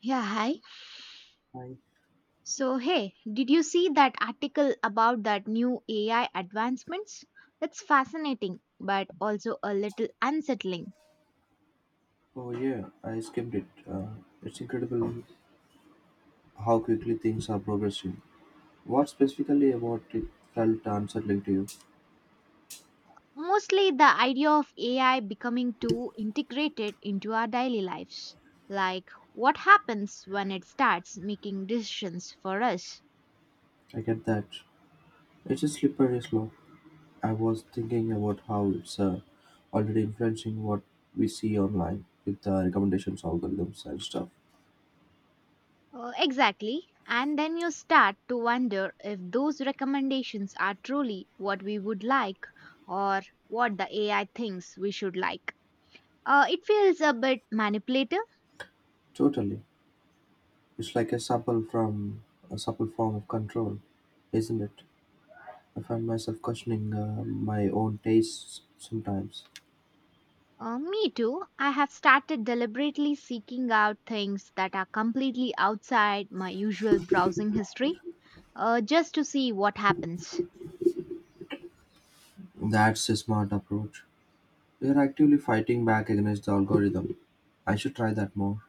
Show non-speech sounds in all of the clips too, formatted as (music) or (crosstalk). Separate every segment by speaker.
Speaker 1: Yeah, hi.
Speaker 2: I,
Speaker 1: So, hey, did you see that article about that new AI advancements? It's fascinating, but also a little unsettling.
Speaker 2: oh yeah, I skipped it. It's incredible how quickly things are progressing. What specifically about it felt unsettling to you?
Speaker 1: Mostly the idea of AI becoming too integrated into our daily lives. Like, what happens when it starts making decisions for us?
Speaker 2: I get that. It's a slippery slope. I was thinking about how it's already influencing what we see online with the recommendations algorithms and stuff.
Speaker 1: Exactly. And then you start to wonder if those recommendations are truly what we would like or what the AI thinks we should like. It feels a bit manipulative.
Speaker 2: Totally. It's like a supple form of control, isn't it? I find myself questioning my own tastes sometimes.
Speaker 1: Me too. I have started deliberately seeking out things that are completely outside my usual browsing history just to see what happens.
Speaker 2: That's a smart approach. We are actively fighting back against the algorithm. I should try that more.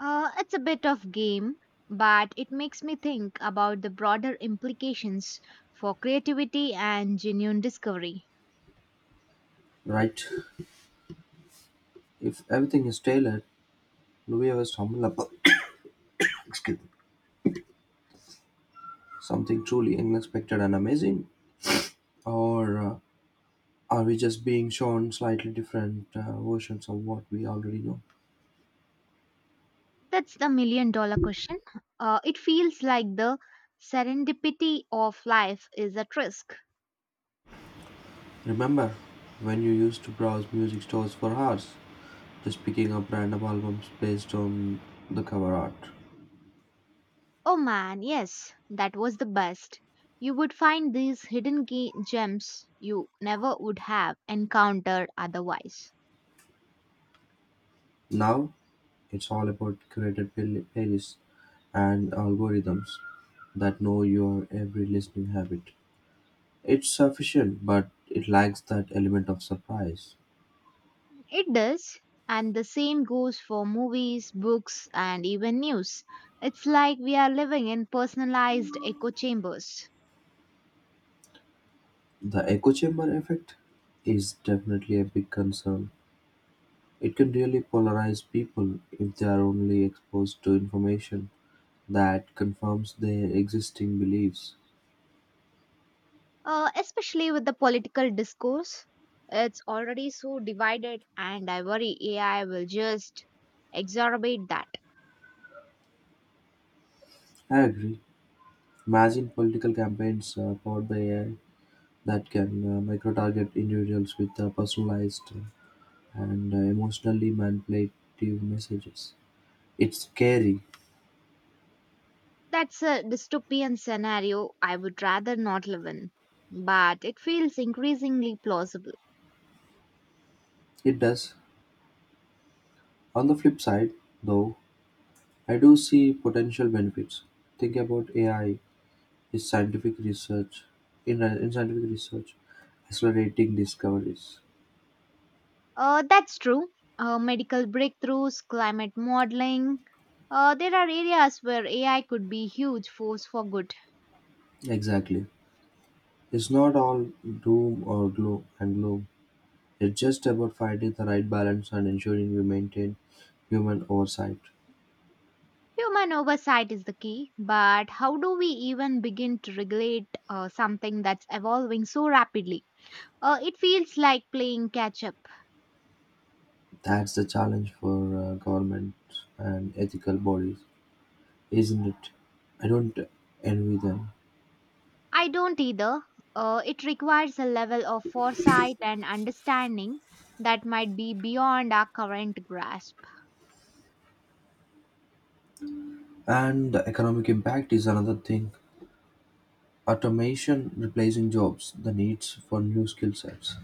Speaker 1: It's a bit of game, but it makes me think about the broader implications for creativity and genuine discovery.
Speaker 2: Right. If everything is tailored, do we ever stumble upon (coughs) excuse me, something truly unexpected and amazing? Or are we just being shown slightly different versions of what we already know?
Speaker 1: That's the million-dollar question. It feels like the serendipity of life is at risk.
Speaker 2: Remember when you used to browse music stores for hours, just picking up random albums based on the cover art?
Speaker 1: Oh man, yes, that was the best. You would find these hidden gems you never would have encountered otherwise.
Speaker 2: Now it's all about curated playlists and algorithms that know your every listening habit. It's sufficient, but it lacks that element of surprise.
Speaker 1: It does, and the same goes for movies, books, and even news. It's like we are living in personalized echo chambers,
Speaker 2: The echo chamber effect is definitely a big concern. It can really polarize people if they are only exposed to information that confirms their existing beliefs.
Speaker 1: especially with the political discourse. It's already so divided, and I worry AI will just exacerbate that.
Speaker 2: I agree. Imagine political campaigns powered by AI that can micro-target individuals with personalized and emotionally manipulative messages. It's scary,
Speaker 1: That's a dystopian scenario I would rather not live in, but it feels increasingly plausible.
Speaker 2: it does. On the flip side, though, I do see potential benefits. Think about AI in scientific research, in, uh, in scientific research, accelerating discoveries.
Speaker 1: That's true. Medical breakthroughs, climate modeling. There are areas where AI could be huge force for good.
Speaker 2: Exactly. It's not all doom or gloom. It's just about finding the right balance and ensuring we maintain human oversight.
Speaker 1: Human oversight is the key, but how do we even begin to regulate something that's evolving so rapidly? It feels like playing catch up.
Speaker 2: That's the challenge for governments and ethical bodies, isn't it? I don't envy them.
Speaker 1: I don't either. It requires a level of foresight and understanding that might be beyond our current grasp.
Speaker 2: And the economic impact is another thing. Automation replacing jobs, the needs for new skill sets.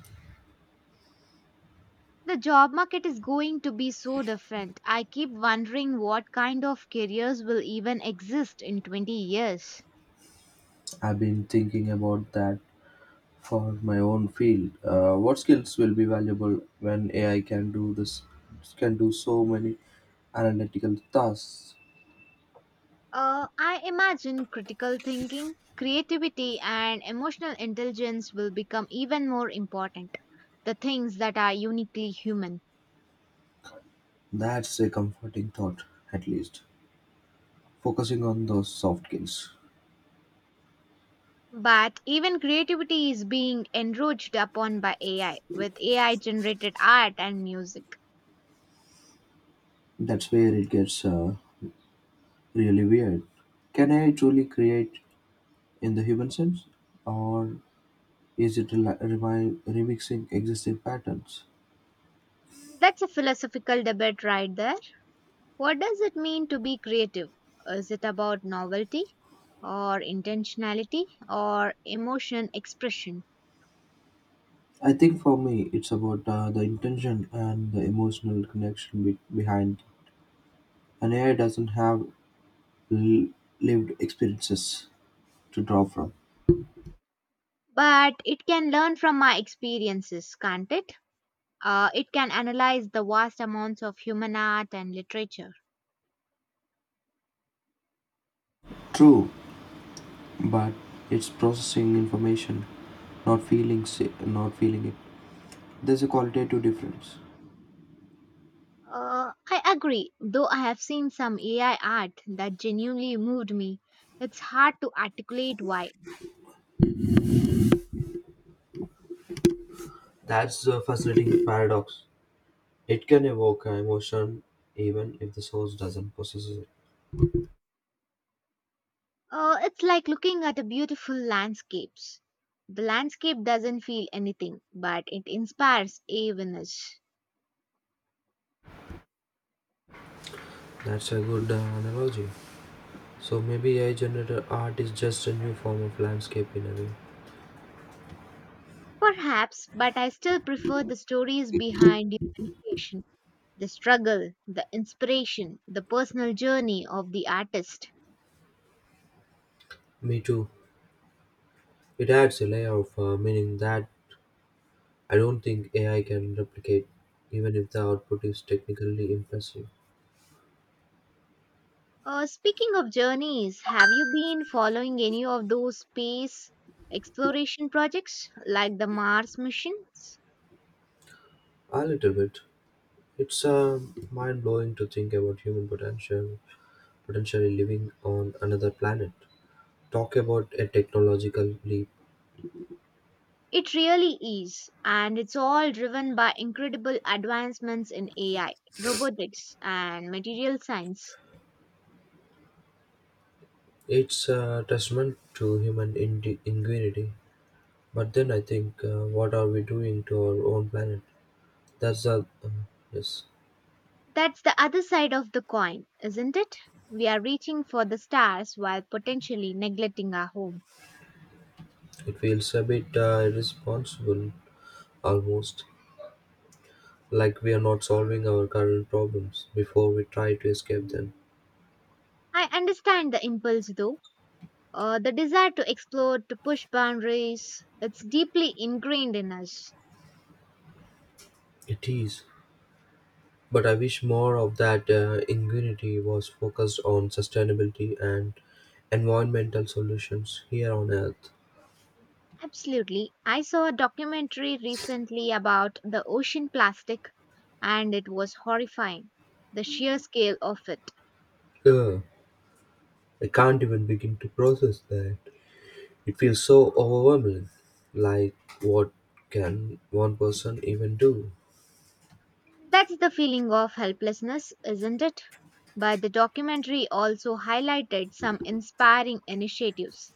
Speaker 1: The job market is going to be so different. I keep wondering what kind of careers will even exist in 20 years.
Speaker 2: I've been thinking about that for my own field. What skills will be valuable when AI can do this? Can do so many analytical tasks.
Speaker 1: I imagine critical thinking, creativity, and emotional intelligence will become even more important, the things that are uniquely human.
Speaker 2: That's a comforting thought, at least. Focusing on those soft skills.
Speaker 1: But even creativity is being enriched upon by AI, with AI generated art and music.
Speaker 2: That's where it gets really weird. Can AI truly create in the human sense, or is it remixing existing patterns?
Speaker 1: That's a philosophical debate right there. What does it mean to be creative? Is it about novelty or intentionality or emotion expression?
Speaker 2: I think for me, it's about the intention and the emotional connection behind. An AI doesn't have l- lived experiences to draw from.
Speaker 1: But it can learn from my experiences, can't it? It can analyze the vast amounts of human art and literature.
Speaker 2: True, but it's processing information, not feelings, not feeling it. There's a qualitative difference.
Speaker 1: I agree, though I have seen some AI art that genuinely moved me. It's hard to articulate why.
Speaker 2: That's the fascinating (coughs) paradox. It can evoke an emotion even if the source doesn't possess it.
Speaker 1: It's like looking at a beautiful landscapes. The landscape doesn't feel anything, but it inspires awareness.
Speaker 2: That's a good analogy. So maybe AI generated art is just a new form of landscape in a way.
Speaker 1: Perhaps, but I still prefer the stories behind human creation. The struggle, the inspiration, the personal journey of the artist.
Speaker 2: Me too. It adds a layer of meaning that I don't think AI can replicate, even if the output is technically impressive.
Speaker 1: Speaking of journeys, have you been following any of those space exploration projects like the Mars missions?
Speaker 2: A little bit. It's mind blowing to think about human potential, potentially living on another planet. Talk about a technological leap.
Speaker 1: It really is, and it's all driven by incredible advancements in AI, robotics, and material science.
Speaker 2: It's a testament to human ingenuity. But then I think, what are we doing to our own planet? That's a uh, yes.
Speaker 1: That's the other side of the coin, isn't it? We are reaching for the stars while potentially neglecting our home.
Speaker 2: It feels a bit irresponsible, almost like we are not solving our current problems before we try to escape them.
Speaker 1: I understand the impulse though. The desire to explore, to push boundaries, it's deeply ingrained in us.
Speaker 2: It is. But I wish more of that ingenuity was focused on sustainability and environmental solutions here on Earth.
Speaker 1: Absolutely. I saw a documentary recently about the ocean plastic, and it was horrifying, the sheer scale of it.
Speaker 2: Ugh, I can't even begin to process that. It feels so overwhelming. Like, what can one person even do?
Speaker 1: That's the feeling of helplessness, isn't it? But the documentary also highlighted some inspiring initiatives.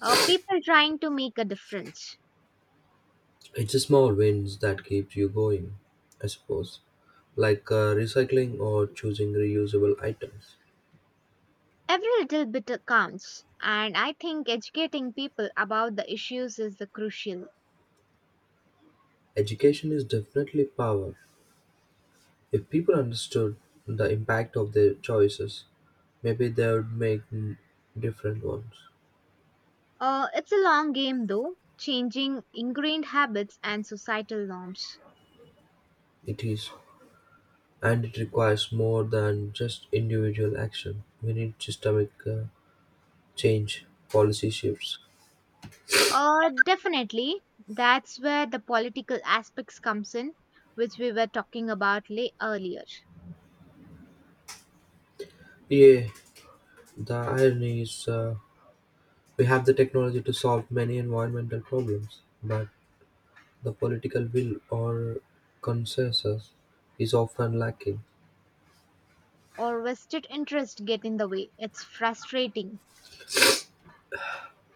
Speaker 1: People trying to make a difference.
Speaker 2: It's the small wins that keeps you going, I suppose. Like recycling or choosing reusable items.
Speaker 1: Every little bit counts, and I think educating people about the issues is the crucial.
Speaker 2: Education is definitely power. If people understood the impact of their choices, maybe they would make different ones.
Speaker 1: It's a long game though, changing ingrained habits and societal norms.
Speaker 2: It is, and it requires more than just individual action. We need systemic change, policy shifts.
Speaker 1: Definitely, that's where the political aspects comes in, which we were talking about lay earlier.
Speaker 2: Yeah, the irony is we have the technology to solve many environmental problems, but the political will or consensus is often lacking.
Speaker 1: Or vested interest get in the way. It's frustrating.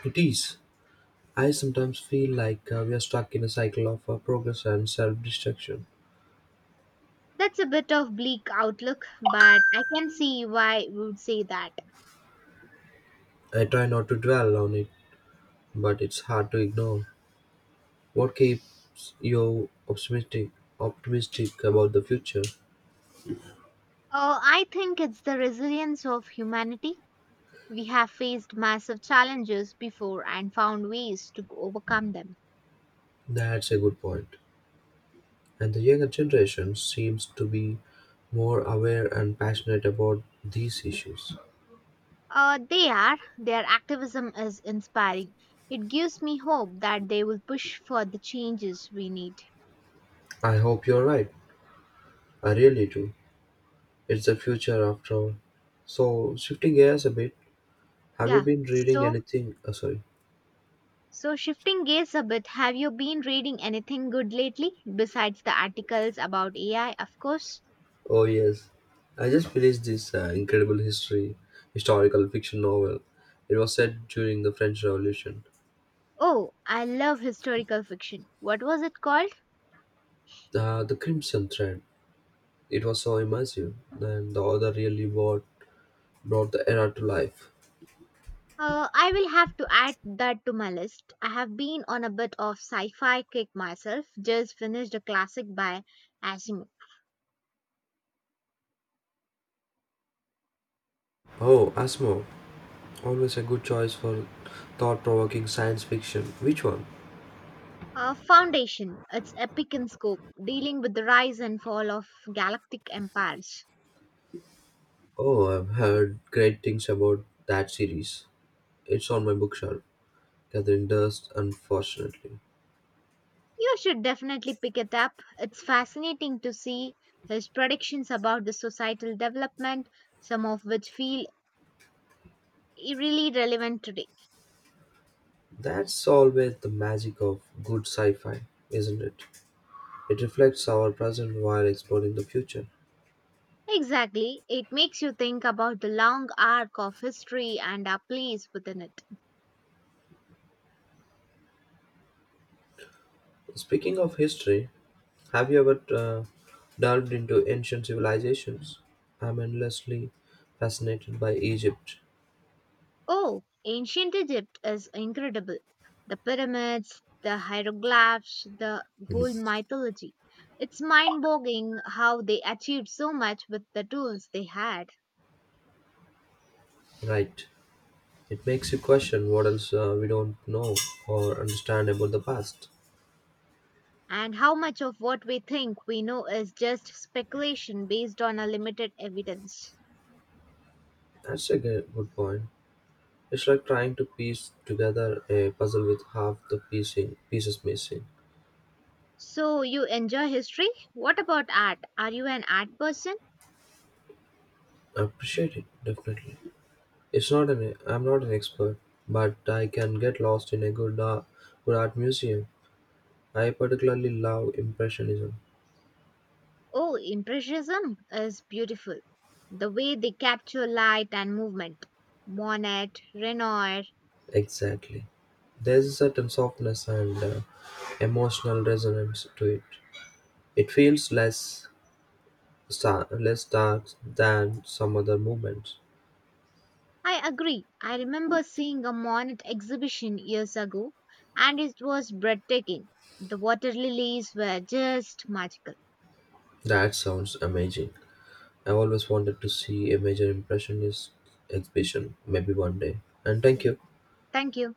Speaker 2: It is. I sometimes feel like we are stuck in a cycle of progress and self destruction.
Speaker 1: That's a bit of bleak outlook, but I can see why we would say that.
Speaker 2: I try not to dwell on it, but it's hard to ignore. What keeps you optimistic about the future?
Speaker 1: I think it's the resilience of humanity. We have faced massive challenges before and found ways to overcome them.
Speaker 2: That's a good point. And the younger generation seems to be more aware and passionate about these issues.
Speaker 1: They are, their activism is inspiring. It gives me hope that they will push for the changes we need.
Speaker 2: I hope you're right. I really do. It's the future after all. So, shifting gears a bit, have you
Speaker 1: Yeah.
Speaker 2: been reading
Speaker 1: So,
Speaker 2: anything? Oh, sorry.
Speaker 1: so shifting gears a bit, have you been reading anything good lately besides the articles about AI, of course?
Speaker 2: Oh, yes. I just finished this uh, incredible historical fiction novel. It was set during the French Revolution.
Speaker 1: Oh, I love historical fiction. What was it called?
Speaker 2: The Crimson Thread. It was so immersive, and the author really brought the era to life.
Speaker 1: I will have to add that to my list. I have been on a bit of sci fi kick myself, just finished a classic by Asimov.
Speaker 2: Oh, Asmo. Always a good choice for thought provoking science fiction. Which one?
Speaker 1: Foundation. It's epic in scope, dealing with the rise and fall of galactic empires.
Speaker 2: Oh, I've heard great things about that series. It's on my bookshelf, gathering dust, unfortunately.
Speaker 1: You should definitely pick it up. It's fascinating to see his predictions about the societal development, some of which feel really relevant today.
Speaker 2: That's always the magic of good sci fi, isn't it? It reflects our present while exploring the future.
Speaker 1: Exactly. It makes you think about the long arc of history and our place within it.
Speaker 2: Speaking of history, have you ever delved into ancient civilizations? I'm endlessly fascinated by Egypt.
Speaker 1: Oh, ancient Egypt is incredible. The pyramids, the hieroglyphs, the whole mythology. It's mind boggling how they achieved so much with the tools they had,
Speaker 2: Right. It makes you question what else we don't know or understand about the past.
Speaker 1: and how much of what we think we know is just speculation based on a limited evidence.
Speaker 2: That's a good point. It's like trying to piece together a puzzle with half the pieces missing.
Speaker 1: So, you enjoy history? What about art? Are you an art person?
Speaker 2: I appreciate it, definitely. It's not an I'm not an expert, but I can get lost in a good art museum. I particularly love impressionism.
Speaker 1: Oh, Impressionism is beautiful. The way they capture light and movement. Monet, Renoir.
Speaker 2: Exactly. There's a certain softness and emotional resonance to it. It feels less dark than some other movements.
Speaker 1: I agree. I remember seeing a Monet exhibition years ago and it was breathtaking. The water lilies were just magical.
Speaker 2: That sounds amazing. I've always wanted to see a major impressionist exhibition, maybe one day. And thank
Speaker 1: Yeah.
Speaker 2: you.
Speaker 1: Thank you.